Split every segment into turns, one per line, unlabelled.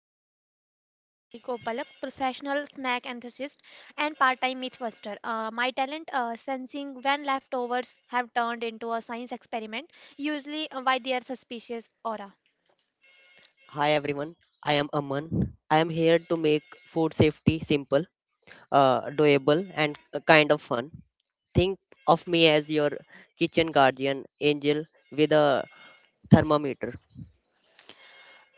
I'm Preeti, your friendly Kopalak, professional snack enthusiast and part-time mythbuster. My talent, sensing when leftovers have turned into a science experiment, usually by their suspicious aura.
Hi everyone, I am Aman. I am here to make food safety simple, doable, and kind of fun. Think of me as your kitchen guardian angel with a thermometer.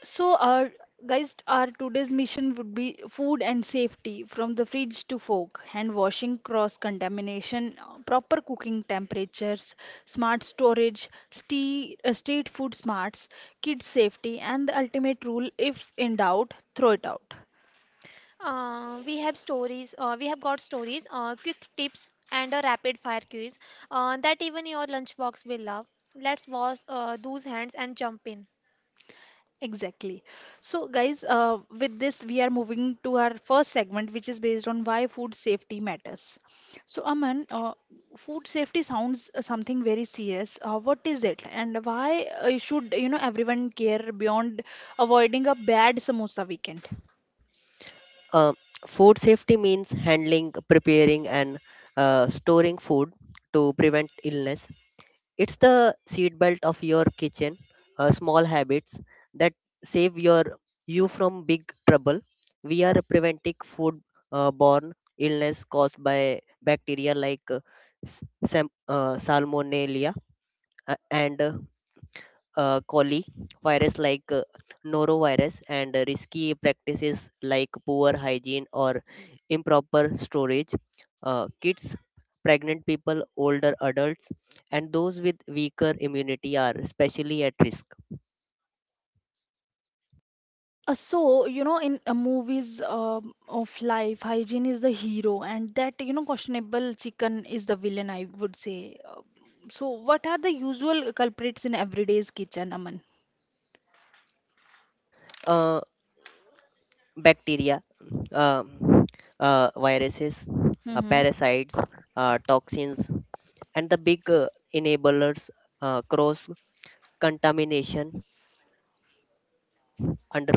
So our guys, our today's mission would be food and safety from the fridge to fork, hand washing, cross contamination, proper cooking temperatures, smart storage, street food smarts, kids safety, and the ultimate rule: if in doubt, throw it out.
We have got stories, quick tips, and a rapid-fire quiz that even your lunchbox will love. Let's wash those hands and jump in.
Exactly. So, guys, with this, we are moving to our first segment, which is based on why food safety matters. So, Aman, food safety sounds something very serious. What is it, and why should you know everyone care beyond avoiding a bad samosa weekend?
Uh, Food safety means handling, preparing, and storing food to prevent illness. It's the seatbelt of your kitchen, small habits that save you from big trouble. We are preventing food borne illness caused by bacteria like salmonella and coli virus like norovirus, and risky practices like poor hygiene or improper storage. Kids, pregnant people, older adults, and those with weaker immunity are especially at risk.
So, you know, in movies of life, hygiene is the hero, and that, you know, questionable chicken is the villain, I would say. So, what are the usual culprits in everyday's kitchen, Aman?
uh, Bacteria, uh, viruses,
Mm-hmm.
parasites, toxins, and the big enablers: cross contamination, undercooking, uh,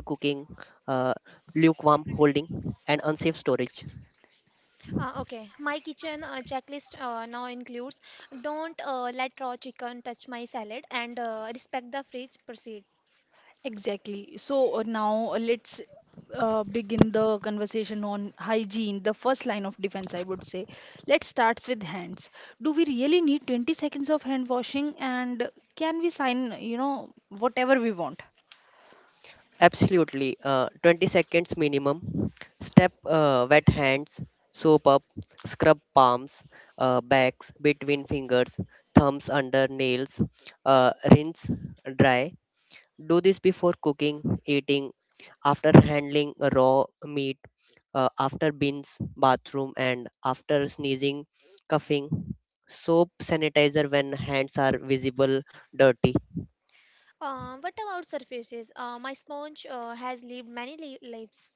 lukewarm holding, and unsafe storage.
Okay, my kitchen checklist now includes don't let raw chicken touch my salad and respect the fridge proceed.
Exactly. So now let's begin the conversation on hygiene, the first line of defense, I would say. Let's start with hands. Do we really need 20 seconds of hand washing and can we sign, you know, whatever we want?
Absolutely, 20 seconds minimum. Step: wet hands, soap up, scrub palms, backs, between fingers, thumbs, under nails, rinse, dry. Do this before cooking, eating, after handling raw meat, after bins, bathroom, and after sneezing, coughing. Soap, sanitizer when hands are visible dirty.
What about surfaces? My sponge has lived many leaves.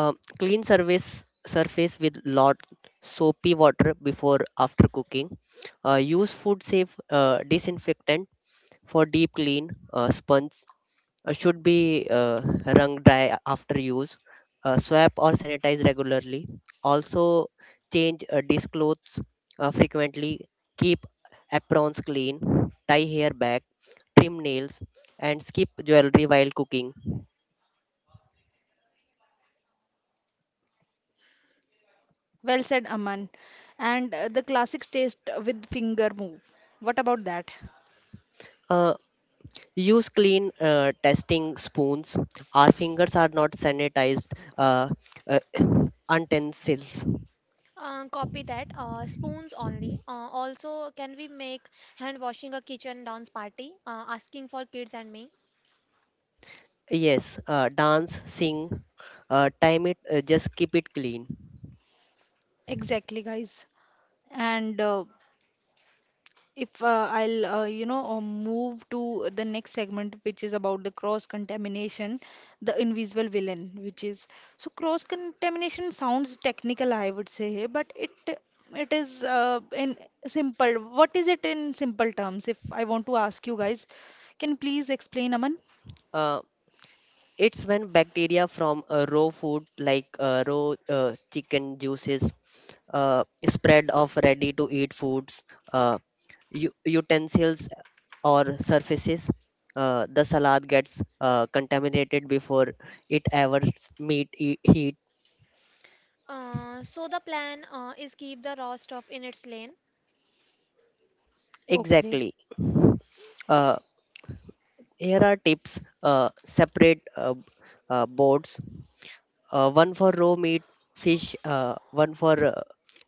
Clean surface with lot soapy water before after cooking. Use food safe disinfectant for deep clean. Sponge should be wrung dry after use. Swap or sanitize regularly. Also, change dish clothes frequently. Keep aprons clean. Tie hair back. Trim nails, and skip jewelry while cooking.
Well said, Aman. And the classic taste with finger move. What about that?
Uh, Use clean testing spoons. Our fingers are not sanitized uh, uh, utensils.
Copy that, spoons only. Also, can we make hand washing a kitchen dance party? Asking for kids and me.
Yes, dance, sing, time it, just keep it clean.
Exactly, guys. And if I'll you know, move to the next segment, which is about the cross-contamination, the invisible villain, which is so cross-contamination sounds technical, I would say, but it is in simple. What is it in simple terms? If I want to ask you guys, can you please explain, Aman?
Uh, It's when bacteria from raw food like raw chicken juices, spread of ready to eat foods, uh, utensils or surfaces, the salad gets contaminated before it ever s- meet e- heat.
So the plan is keep the raw stuff in its lane
Okay.
Exactly. Uh, Here are tips: separate boards, one for raw meat, fish, one for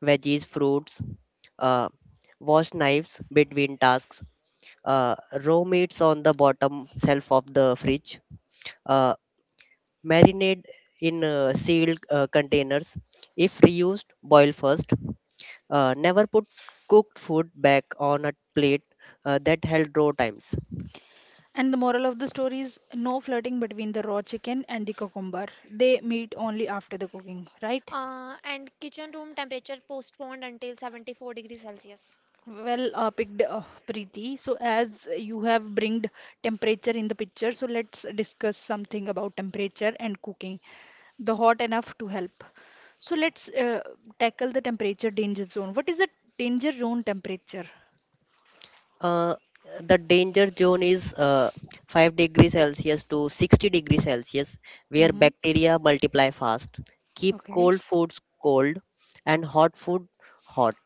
veggies, fruits. uh, Wash knives between tasks. uh, Raw meats on the bottom shelf of the fridge. uh, Marinade in sealed containers. If reused, boil first. Never put cooked food back on a plate that held raw times.
And the moral of the story is no flirting between the raw chicken and the cucumber. They meet only after the cooking, right?
and kitchen room temperature postponed until 74 degrees Celsius.
Well, picked Preeti. So, as you have bringed temperature in the picture, so let's discuss something about temperature and cooking. The hot enough to help. So, let's tackle the temperature danger zone. What is the danger zone temperature?
Uh, the danger zone is 5 degrees Celsius to 60 degrees Celsius, where
Mm-hmm.
bacteria multiply fast. Keep
Okay.
cold foods cold and hot food hot.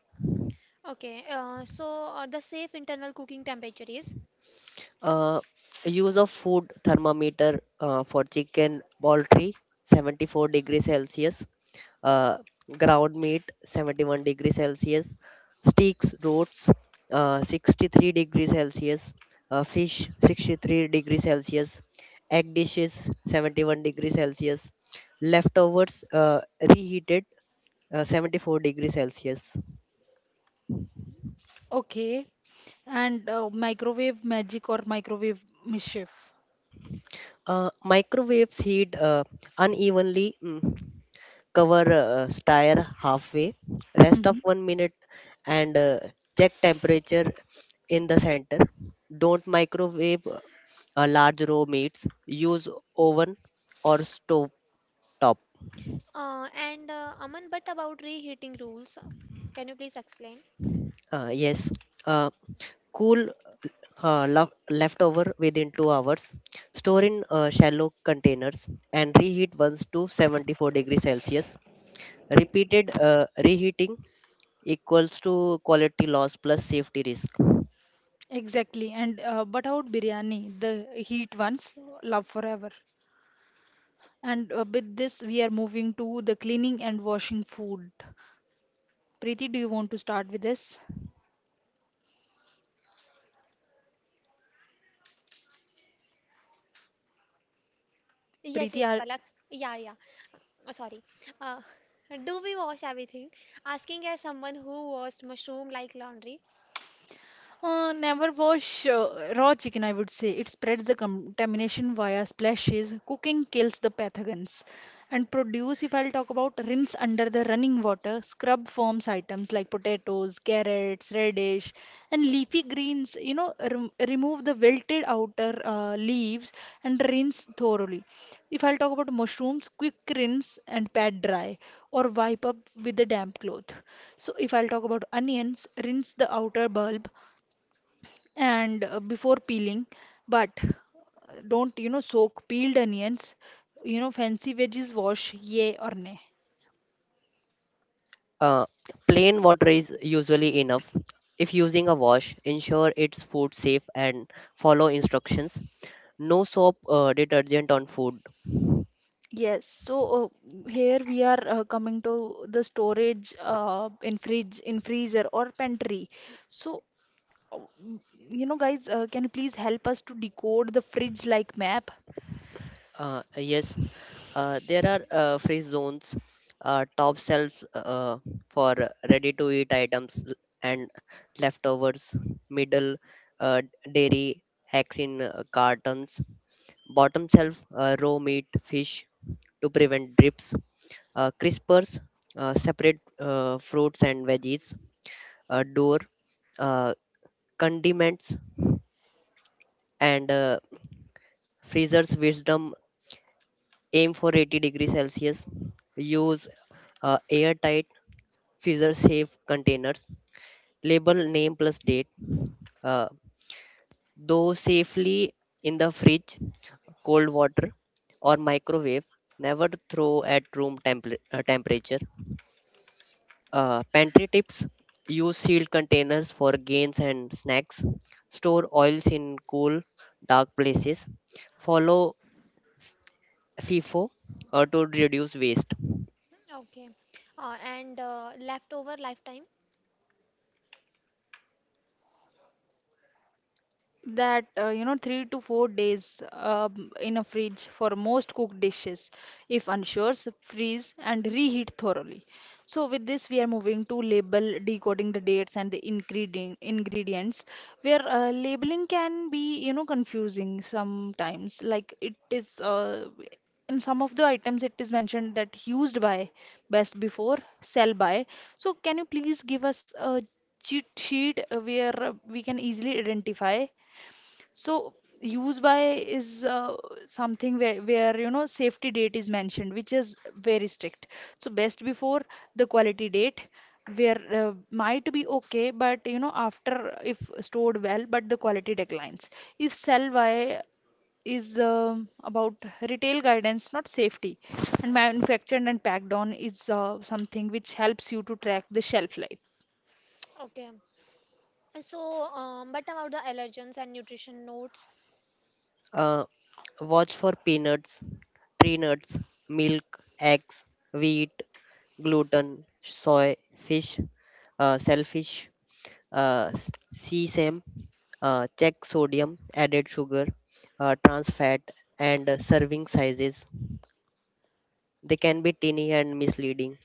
The safe internal cooking temperature is,
Uh, Use of food thermometer: for chicken poultry, 74 degrees Celsius; uh, ground meat, 71-degree celsius; steaks, roasts, 63-degree celsius; fish, 63-degree celsius; egg dishes, 71-degree celsius; leftovers reheated, 74-degree celsius.
Okay. And microwave magic or microwave mischief.
Microwaves heat unevenly. Cover, stir halfway, rest of
Mm-hmm.
1 minute, and check temperature in the center. Don't microwave a large raw meats; use oven or stove top.
and Aman, but about reheating rules, can you please explain?
Uh, yes, uh, cool leftover within 2 hours. Store in shallow containers and reheat once to 74 degrees Celsius. Repeated reheating equals to quality loss plus safety risk.
Exactly. And but out biryani, the heat ones, love forever. And with this, we are moving to the cleaning and washing food. Preeti, do you want to start with this?
Yes,
Preeti,
yes,
are,
Palak. Yeah, yeah. Sorry. Uh, do we wash everything? Asking as someone who washed mushroom like laundry.
Never wash raw chicken, I would say. It spreads the contamination via splashes. Cooking kills the pathogens. And produce, if I'll talk about, rinse under the running water. Scrub forms items like potatoes, carrots, radish, and leafy greens. You know, remove the wilted outer leaves and rinse thoroughly. If I'll talk about mushrooms, quick rinse and pat dry or wipe up with a damp cloth. So if I'll talk about onions, rinse the outer bulb and before peeling but don't you know soak peeled onions you know fancy veggies wash yay or nay.
Uh, Plain water is usually enough. If using a wash, ensure it's food safe and follow instructions. No soap detergent on food.
Yes, so here we are coming to the storage in fridge, in freezer or pantry. So, uh, you know, guys, can you please help us to decode the fridge like map?
Yes, there are free zones. Top shelves for ready-to-eat items and leftovers; middle, uh, dairy, eggs in cartons; bottom shelf, raw meat, fish, to prevent drips; crispers, separate fruits and veggies; door, uh, condiments. And freezer's wisdom: aim for 80 degrees Celsius. Use airtight freezer safe containers, label name plus date. uh, though safely in the fridge, cold water, or microwave. Never throw at temperature. Pantry tips: use sealed containers for gains and snacks, store oils in cool, dark places, follow FIFO to reduce waste.
Okay. And Leftover lifetime.
That you know 3 to 4 days in a fridge for most cooked dishes. If unsure so freeze and reheat thoroughly. So with this we are moving to label decoding the dates and the ingredients, where labeling can be you know confusing sometimes like it is in some of the items it is mentioned that used by, best before, sell by. So can you please give us a cheat sheet where we can easily identify. So use by is something where you know safety date is mentioned, which is very strict. So best before, the quality date, where might be okay, but you know after if stored well, but the quality declines. If sell by is about retail guidance, not safety, and manufactured and packed on is something which helps you to track the shelf life.
Okay. But about the allergens and nutrition notes.
uh, Watch for peanuts, tree nuts, milk, eggs, wheat, gluten, soy, fish, shellfish, uh, s- sesame. Check sodium, added sugar, trans fat, and serving sizes. They can be tiny and misleading.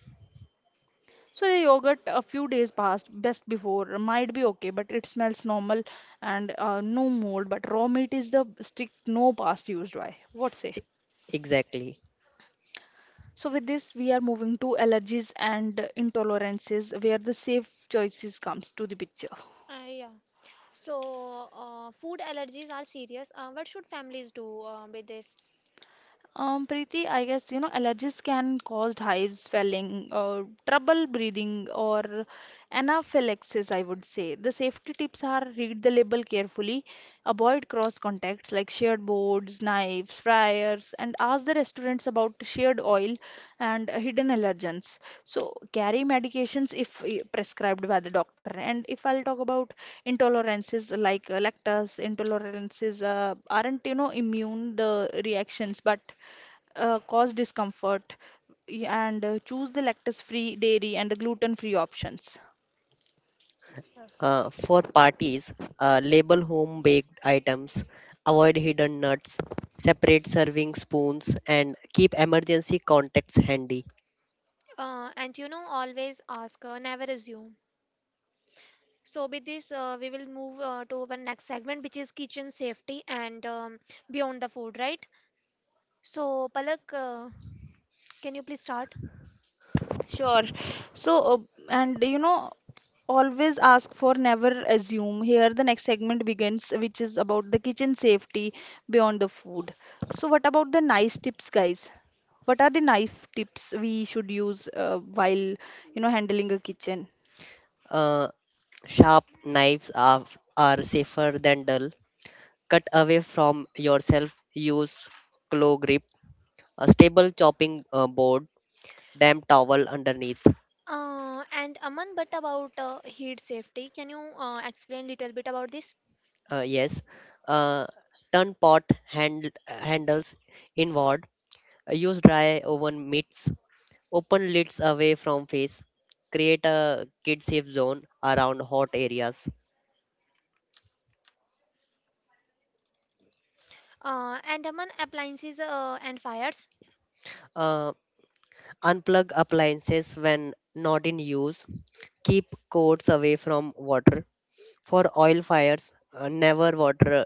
So the yogurt a few days past, best before, might be okay, but it smells normal and no mold. But raw meat is the strict no past used by. What say?
E- Exactly.
So with this, we are moving to allergies and intolerances, where the safe choices comes to the picture.
Yeah. Food allergies are serious. What should families do with this?
Preeti, I guess you know allergies can cause hives, swelling, or trouble breathing, or anaphylaxis. I would say the safety tips are read the label carefully, avoid cross contacts like shared boards, knives, fryers, and ask the restaurants about shared oil and hidden allergens. So carry medications if prescribed by the doctor. And if I'll talk about intolerances like lactose intolerances, aren't you know immune the reactions, but cause discomfort and choose the lactose-free dairy and the gluten-free options.
For parties, label home baked items, avoid hidden nuts, separate serving spoons, and keep emergency contacts handy.
And you know, always ask, never assume. With this, we will move to our next segment, which is kitchen safety and beyond the food, right? So, Palak, can you please start?
Sure. So, and you know, always ask for, never assume. Here, the next segment begins, which is about the kitchen safety beyond the food. So, what about the nice tips, guys? What are the knife tips we should use while, you know, handling a kitchen?
Uh, sharp knives are safer than dull. Cut away from yourself, use claw grip, a stable chopping board, damp towel underneath.
And Aman, but about heat safety, can you explain little bit about this?
uh, yes uh, Turn hand, handles inward, use dry oven mitts, open lids away from face, create a kid safe zone around hot areas.
And Aman, appliances and fires.
uh, Unplug appliances when not in use, keep cords away from water. For oil fires, never water;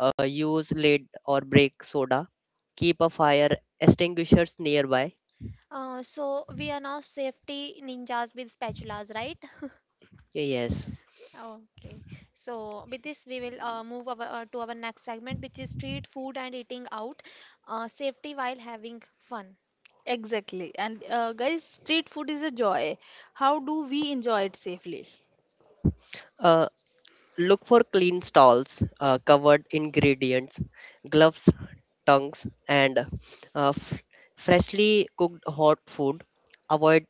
use lid or break soda. Keep a fire extinguishers nearby.
So, we are now safety ninjas with spatulas, right?
yes
Okay. So with this, we will move to our next segment, which is street food and eating out, safety while having fun.
Exactly. And guys, street food is a joy. How do we enjoy it safely?
uh, Look for clean stalls, covered ingredients, gloves, tongues, and uh, f- freshly cooked hot food. Avoid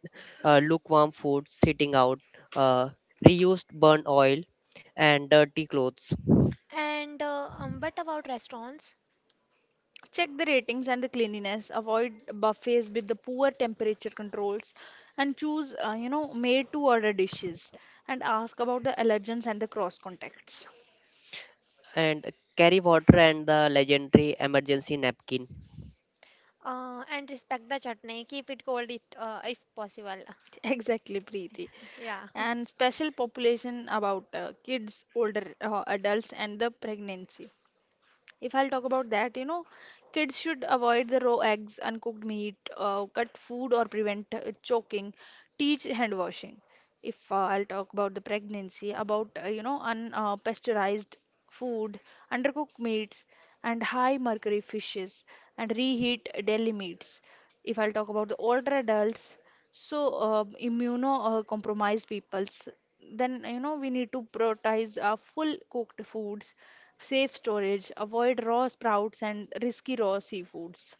lukewarm food sitting out, uh, reused burnt oil, and dirty clothes.
And what about restaurants?
Check the ratings and the cleanliness. Avoid buffets with the poor temperature controls and choose, you know, made to order dishes and ask about the allergens and the cross contacts.
And carry water and the legendary emergency napkin.
And respect the chutney, keep it cold it, if possible.
Exactly, Preeti.
Yeah.
And special population about kids, older adults, and the pregnancy. If I'll talk about that, you know, kids should avoid the raw eggs, uncooked meat, cut food or prevent choking, teach hand washing. If I'll talk about the pregnancy, about, you know, unpasteurized pasteurized food, undercooked meats, and high mercury fishes, and reheat deli meats. If I'll talk about the older adults, so immunocompromised peoples, then you know we need to prioritize full cooked foods. Safe storage, avoid raw sprouts and risky raw seafoods.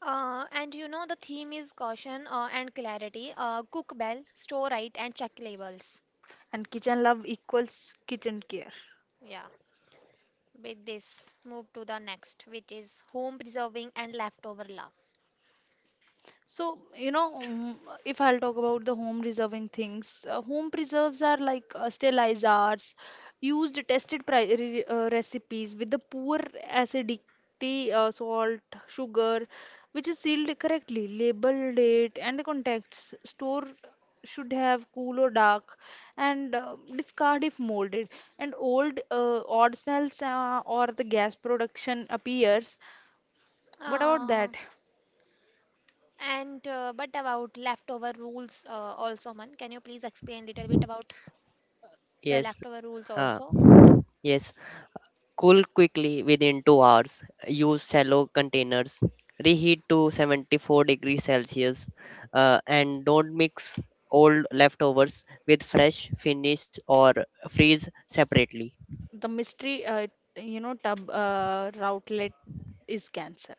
And you know, the theme is caution and clarity. Cook well, store right, and check labels.
And kitchen love equals kitchen care.
Yeah. With this, move to the next, which is home preserving and leftover love.
So, you know, if I'll talk about the home reserving things, home preserves are like sterilized arts, used tested pri re recipes with the poor acidity, salt, sugar, which is sealed correctly, label, date, and the contacts. Store should have cool or dark, and discard if molded. And old odd smells or the gas production appears. What about
Uh,
that?
And but about leftover rules, also, Man, can you please explain a little bit about the
yes
leftover rules
uh,
also?
yes Cool quickly within 2 hours. Use shallow containers. Reheat to 74 degrees Celsius, and don't mix old leftovers with fresh; finish or freeze separately.
The mystery, you know, tub routlet is cancelled.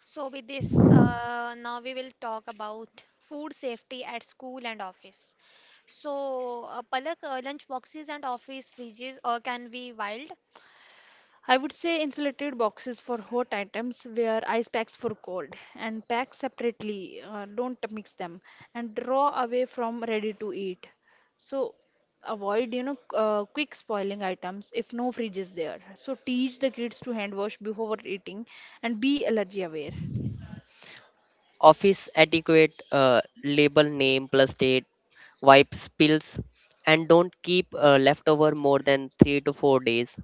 So with this, now we will talk about food safety at school and office. So Palak, lunch boxes and office fridges can be wild.
I would say insulated boxes for hot items, where ice packs for cold, and pack separately. Don't mix them, and draw away from ready to eat. So avoid, you know, quick spoiling items if no fridge is there. So teach the kids to hand wash before eating, and be allergy aware.
Office etiquette: label name plus date, wipe spills, and don't keep leftover more than 3 to 4 days.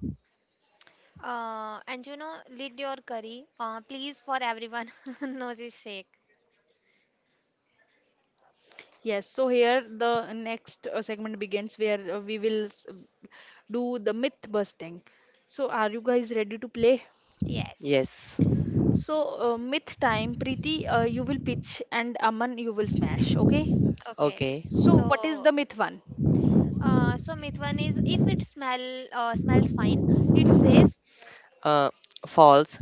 And you know, lid your curry, please, for everyone noses sake.
Yes, so here the next segment begins where we will do the myth busting. So, are you guys ready to play?
Yes.
Yes,
So, myth time, Preeti, you will pitch and Aman, you will smash, okay?
Okay.
okay.
So, what is
So,
the myth one?
uh, so Mithwan is if it smells fine, it's safe.
Uh, False.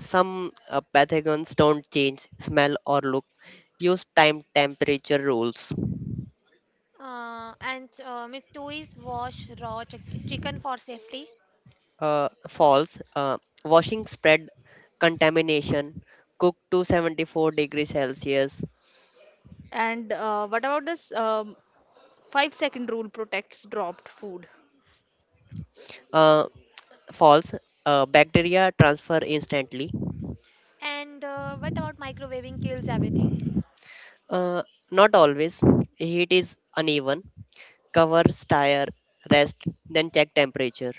Some pathogens don't change smell or look. Use time temperature rules.
And Miss Toys wash raw chicken for safety.
False. Washing spread contamination. Cook to 74 degrees Celsius.
And what about this 5 second rule protects dropped food?
Uh, False. Bacteria transfer instantly.
And what about microwaving kills everything?
Uh, Not always. Heat is uneven. Cover, stir, rest, then check temperature.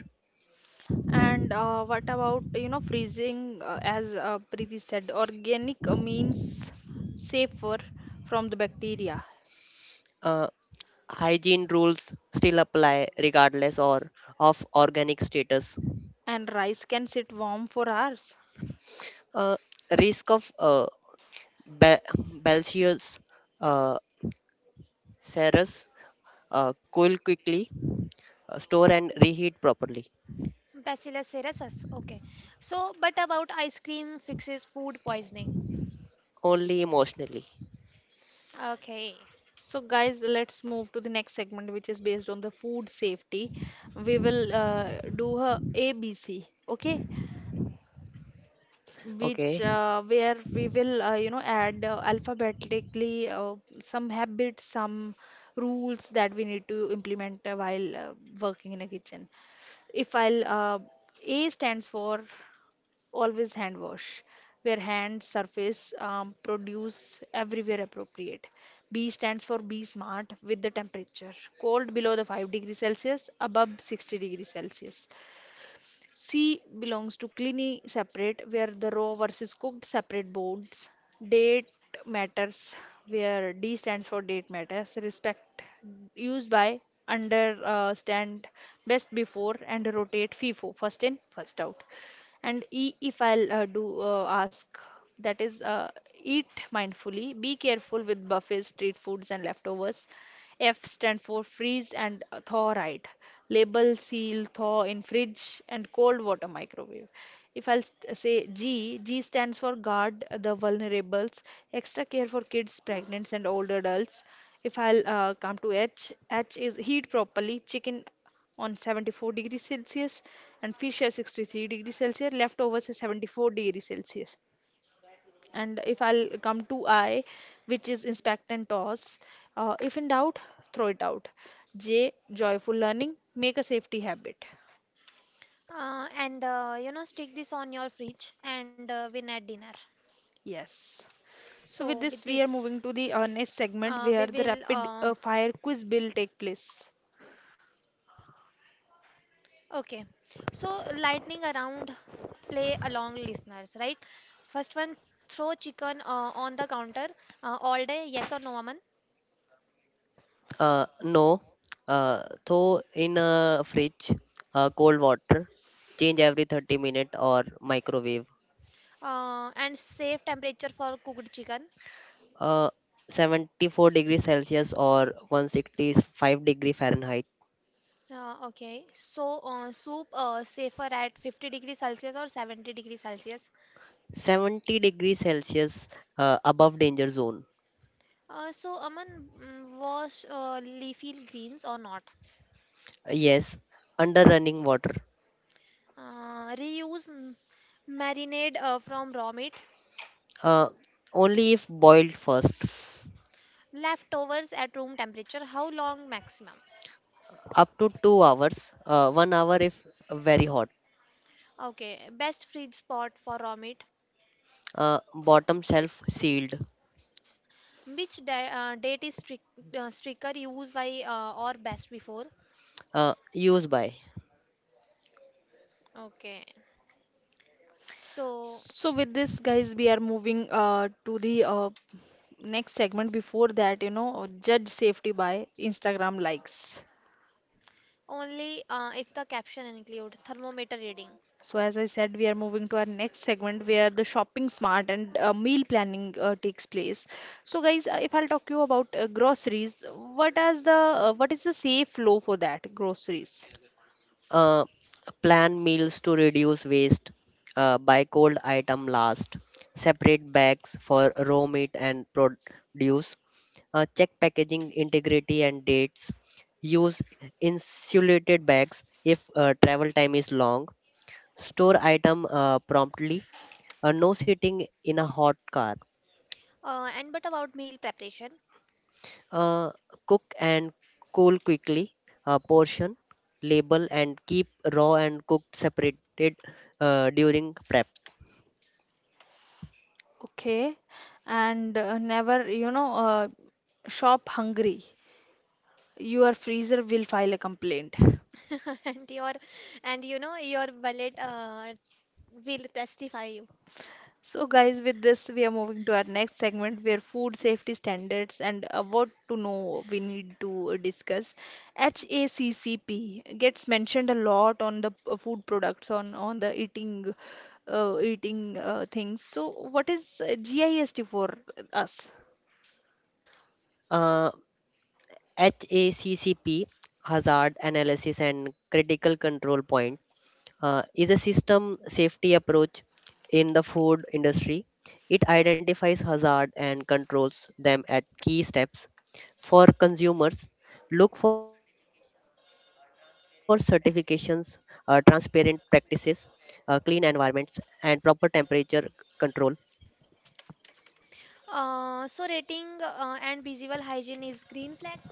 And what about, you know, freezing, as Preeti said, organic means safer from the bacteria?
Uh, Hygiene rules still apply regardless or of organic status.
And rice can sit warm for hours.
Uh, Risk of ba- Belgius uh, Ceres. Cool quickly, store and reheat properly.
Bacillus cereus. Okay. But about ice cream fixes food poisoning.
Only emotionally.
Okay.
So, guys, let's move to the next segment, which is based on the food safety. We will do a ABC, okay? Which
Okay.
where we will you know add alphabetically some habits, some rules that we need to implement while working in a kitchen. If I'll A stands for always hand wash where hand surface produce everywhere appropriate. B stands for be smart with the temperature cold below the 5-degree celsius above 60-degree celsius. C belongs to cleanly separate where the raw versus cooked separate boards. Date matters where D stands for date matters, respect used by, understand best before and rotate fifo, first in first out. And E if I'll do ask, that is, eat mindfully, be careful with buffets, street foods, and leftovers. F stand for freeze and thaw right. Label, seal, thaw in fridge and cold water microwave. If I'll say G, G stands for guard the vulnerables, extra care for kids, pregnants, and older adults. If I'll come to H, H is heat properly, chicken on 74 degrees Celsius and fish at 63 degrees Celsius, leftovers at 74 degrees Celsius. And if I'll come to I, which is inspect and toss, if in doubt, throw it out. J, joyful learning, make a safety habit.
And You know, stick this on your fridge and win at dinner.
Yes. So with
So, with
this, we are
this,
moving to the next segment where
we
the
will
rapid fire quiz will take place.
Okay, so lightning around play along listeners, right? First one, throw chicken on the counter all day, yes or no, Aman?
No. Thaw in a fridge, cold water, change every 30 minute, or microwave.
And safe temperature for cooked chicken.
Uh, 74 degrees Celsius or 165-degree Fahrenheit.
Soup safer at 50 degrees Celsius or 70 degrees Celsius.
70 degrees Celsius, above danger zone.
So, Aman, wash leafy greens or not?
Yes, under running water.
Reuse marinade from raw meat,
Uh, Only if boiled first.
leftovers at room temperature, how long maximum?
Up to 2 hours, 1 hour if very hot.
Okay, best feed spot for raw meat.
Bottom shelf sealed.
Which date is stricter, used by or best before?
Use by.
Okay, so
So with this, guys, we are moving to the next segment. Before that, you know, judge safety by Instagram likes.
only if the caption include thermometer reading.
So as I said, we are moving to our next segment where the shopping smart and meal planning takes place. So guys, if I'll talk you about groceries, what is the safe flow for that groceries?
Uh, Plan meals to reduce waste. Buy cold item last. Separate bags for raw meat and produce. Check packaging integrity and dates. Use insulated bags if travel time is long. Store item promptly, no sitting in a hot car.
And but about meal preparation.
Uh, Cook and cool quickly, portion, label, and keep raw and cooked separated during prep.
Okay, and never, you know, shop hungry. Your freezer will file a complaint.
And your, and you know your wallet will testify you.
So, guys, with this, we are moving to our next segment where food safety standards and what to know we need to discuss. HACCP gets mentioned a lot on the food products, on the eating, eating things. So, what is GIST for us?
Uh, HACCP, hazard analysis and critical control point, is a system safety approach in the food industry. It identifies hazard and controls them at key steps. For consumers, look for certifications, transparent practices, clean environments, and proper control.
So rating and visual hygiene is green flags.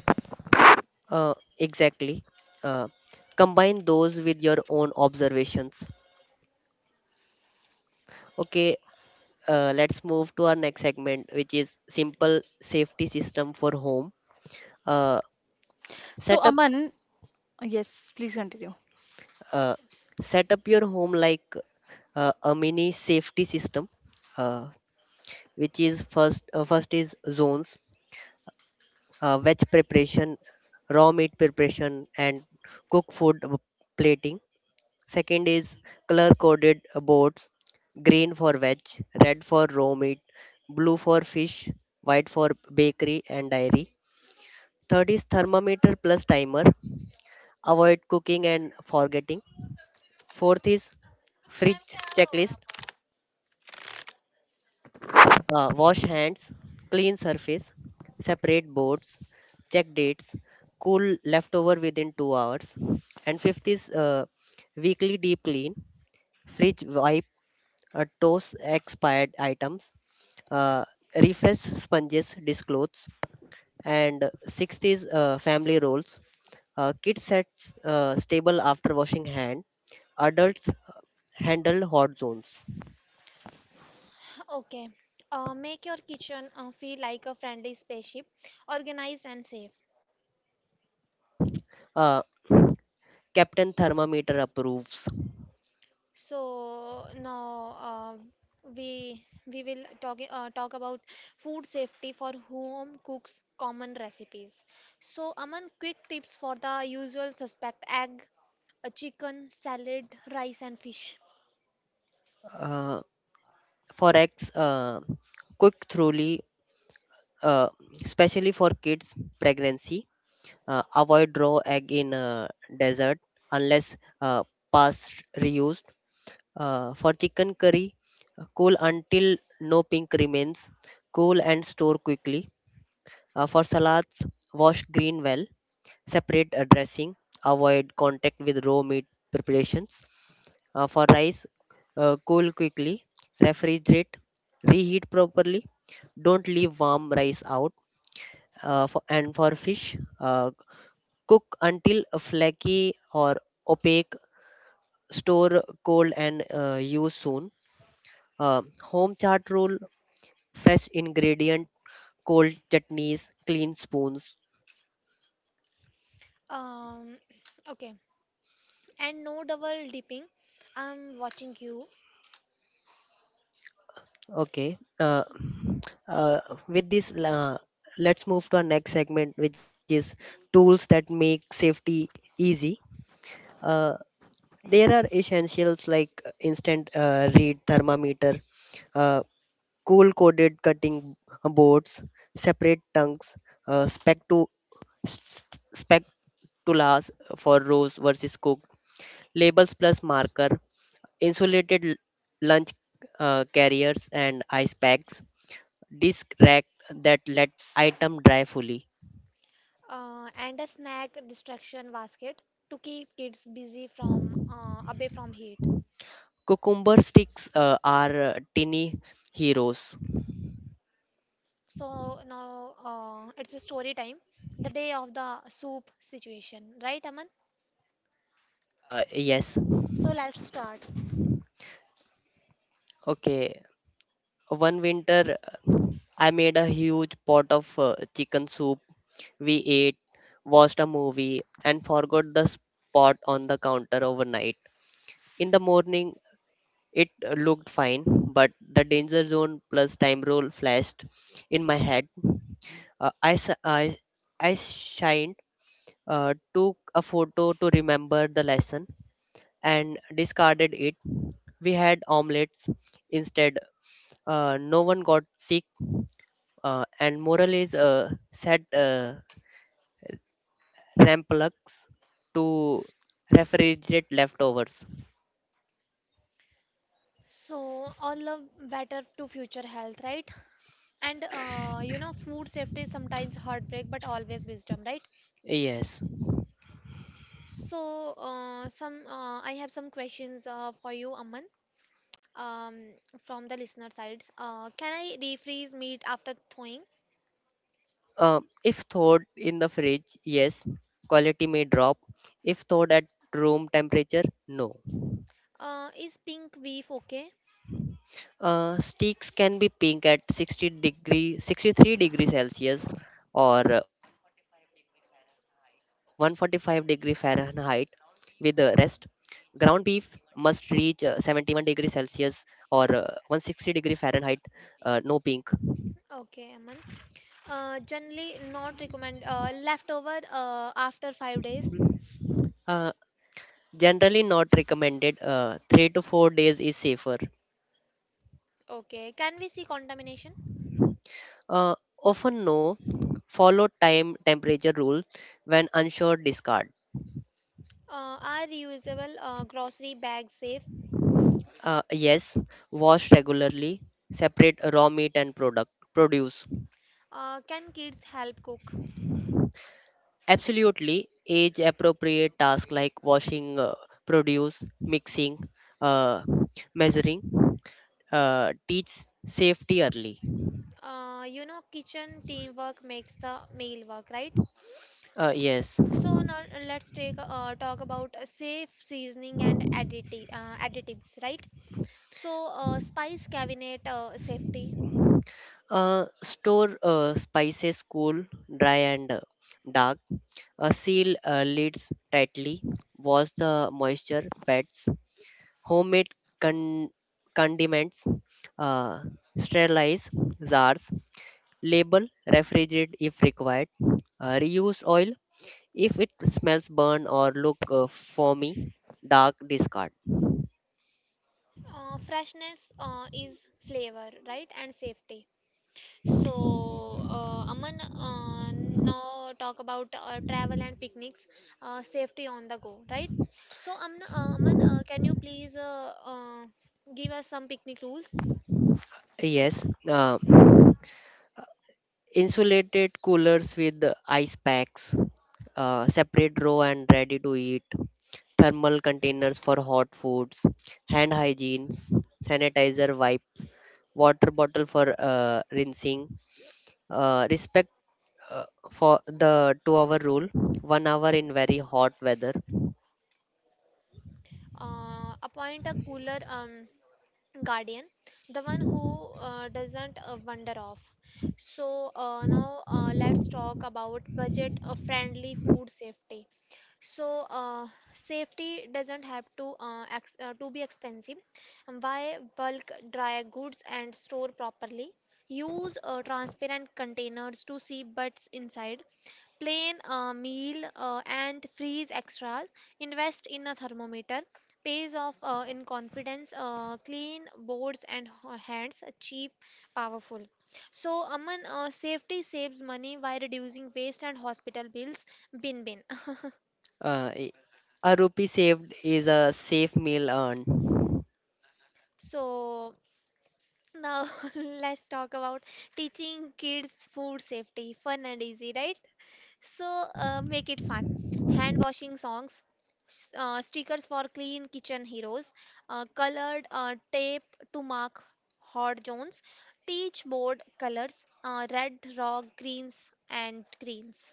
Exactly. Uh, Combine those with your own observations. Okay, let's move to our next segment, which is simple safety system for home. Uh,
So,
set up,
Aman, yes, please continue.
uh, Set up your home like a mini safety system, uh, which is first. First is zones: veg preparation, raw meat preparation, and cook food plating. Second is color coded boards: green for veg, red for raw meat, blue for fish, white for bakery and dairy. Third is thermometer plus timer: avoid cooking and forgetting. Fourth is fridge checklist: wash hands, clean surface, separate boards, check dates, cool leftover within 2 hours. And fifth is weekly deep clean: fridge wipe, toss expired items, uh, refresh sponges, disclothes. And sixth is family roles: kids sets stable after washing hand; adults handle hot zones.
Okay. Make your kitchen feel like a friendly spaceship, organized and safe.
Uh, Captain Thermometer approves.
So now we will talk about food safety for home cooks common recipes. So Aman, quick tips for the usual suspect: egg, a chicken, salad, rice, and fish.
Uh, Forex, quick truly, uh, especially for kids, pregnancy: avoid raw egg in desert unless past reused. For chicken curry, cool until no pink remains, cool and store quickly. For salads, wash green well, separate dressing, avoid contact with raw meat preparations. For rice, cool quickly, refrigerate, reheat properly, don't leave warm rice out. And for fish, cook until flaky or opaque, store cold, and use soon. Home chart rule: fresh ingredient, cold chutneys, clean spoons.
Um, okay, and no double dipping. I'm watching you.
Okay. Uh, with this, let's move to our next segment, which is tools that make safety easy. Uh, there are essentials like instant read thermometer, uh, cool coated cutting boards, separate tongues, uh, spectu s- spectulas for rose versus cooked, labels plus marker, insulated lunch carriers and ice packs, disc rack that let item dry fully.
And a snack distraction basket to keep kids busy from away from heat.
Cucumber sticks are tiny heroes.
So now It's a story time. The day of the soup situation, right, Aman?
uh, yes
So let's start.
okay One winter, I made a huge pot of chicken soup. We ate, watched a movie, and forgot the spot on the counter overnight. In the morning, it looked fine, but the danger zone plus time rule flashed in my head. Uh, I, s- I, I shined, took a photo to remember the lesson, and discarded it. We had omelets instead. No one got sick, and moral is set RAM plugs to refrigerate leftovers.
So all of better to future health, right? And you know, food safety is sometimes heartbreak, but always wisdom, right?
yes
So some I have some questions for you, Aman, um, from the listener sides. Can I refreeze meat after thawing?
if thawed in the fridge, yes, quality may drop. If thawed at room temperature, no.
Is pink beef okay?
Sticks can be pink at 60 degree, 63-degree celsius, or 145-degree fahrenheit with the rest. Ground beef must reach 71-degree celsius or 160-degree fahrenheit, no pink.
Okay, Aman. Generally not recommend leftover after 5 days.
Mhm. uh, Generally not recommended. 3 to 4 days is safer.
Okay. Can we see contamination?
uh, Often no, follow time temperature rule, when unsure discard.
Are reusable grocery bags safe?
Yes, wash regularly, separate raw meat and product produce.
Can kids help cook?
Absolutely, age appropriate tasks like washing produce, mixing, uh, measuring, teach safety early.
You know, kitchen teamwork makes the meal work, right?
Yes.
So now let's take talk about safe seasoning and additives, right? So spice cabinet safety.
Store spices cool, dry, and dark. Seal lids tightly. Wash the moisture pads. Homemade con- condiments: Uh, sterilize jars, label, refrigerated if required. Reuse oil if it smells burn or look foamy, dark, discard.
Freshness is flavor, right? And safety. So, Aman, now talk about travel and picnics, safety on the go, right? So, Aman, can you please give us some picnic rules?
Yes, insulated coolers with ice packs, separate row and ready to eat, thermal containers for hot foods, hand hygiene, sanitizer wipes, water bottle for rinsing. Respect uh, for the two-hour rule, 1 hour in very hot weather.
Appoint a cooler. Guardian, the one who doesn't wander off. So now let's talk about budget friendly food safety. So safety doesn't have to to be expensive. Buy bulk dry goods and store properly. Use transparent containers to see what's inside. Plan a meal and freeze extras. Invest in a thermometer. Pays off in confidence. Clean boards and hands. Cheap, powerful. So, Aman, safety saves money by reducing waste and hospital bills. Bin bin.
Uh, i- a rupee saved is a safe meal earned.
So now let's talk about teaching kids food safety, fun and easy, right? So make it fun. Hand washing songs, stickers for clean kitchen heroes, colored tape to mark hot zones, teach board colors, red, raw, greens, and greens.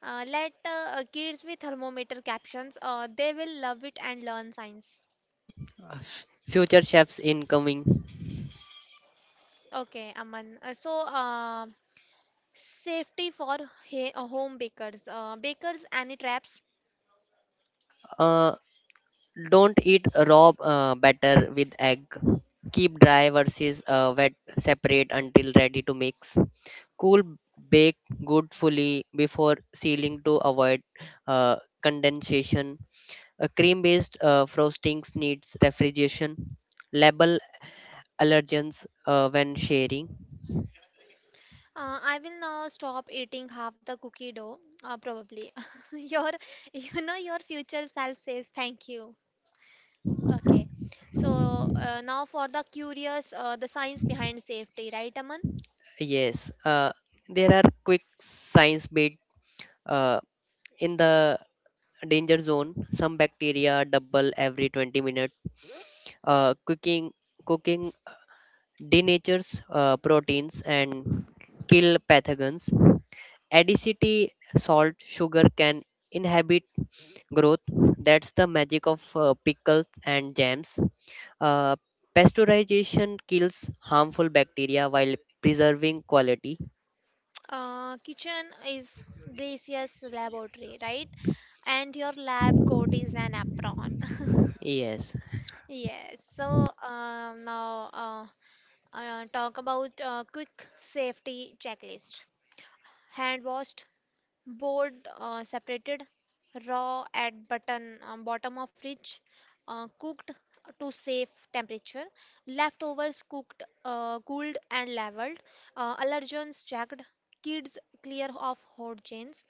Let kids with thermometer captions, they will love it and learn science.
Future chefs incoming.
Okay, Aman. Safety for home bakers. Bakers, any traps?
Uh, don't eat raw batter with egg. Keep dry versus wet separate until ready to mix. Cool bake good fully before sealing to avoid uh, condensation. A cream-based frostings needs refrigeration. Label allergens when sharing.
I will now stop eating half the cookie dough, probably. Your, your future self says thank you. Okay. So now for the curious, the science behind safety, right, Aman?
Yes, there are quick science bit. uh, in the danger zone some bacteria double every 20 minutes. Uh, cooking cooking denatures proteins and kill pathogens. Acidity, salt, sugar can inhibit growth; that's the magic of pickles and jams. uh, Pasteurization kills harmful bacteria while preserving quality.
Kitchen is Gracious laboratory, right? And your lab coat is an apron.
yes
Yes. So now Talk about quick safety checklist. Hand washed, board separated, raw at button bottom of fridge, cooked to safe temperature, leftovers cooked, cooled and leveled, allergens checked, kids clear of hot chains,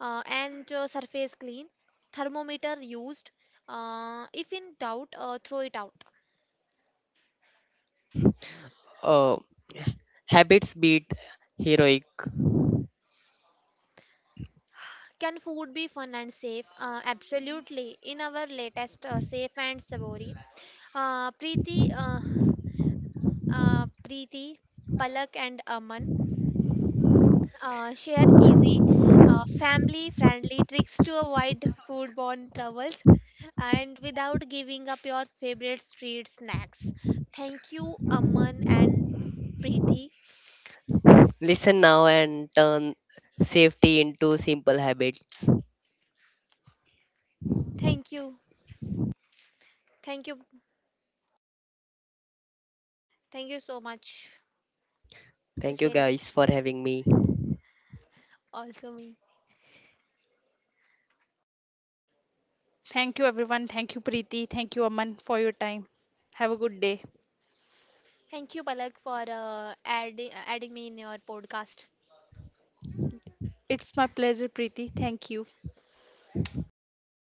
and surface clean, thermometer used. If in doubt, throw it out.
uh, Habits beat heroic.
Can food be fun and safe? Absolutely. In our latest Safe and Savory, uh, Preeti, uh, Preeti, Palak, and Aman share easy, family friendly tricks to avoid foodborne troubles and without giving up your favorite street snacks. Thank you, Aman and Preeti.
Listen now and turn safety into simple habits.
Thank you. Thank you. Thank you so much to
Thank you
sharing
guys for having me.
also me.
Thank you everyone. Thank you, Preeti. Thank you, Aman, for your time. Have a good day.
Thank you, Palak, for adding me in your podcast.
It's my pleasure, Preeti. Thank you.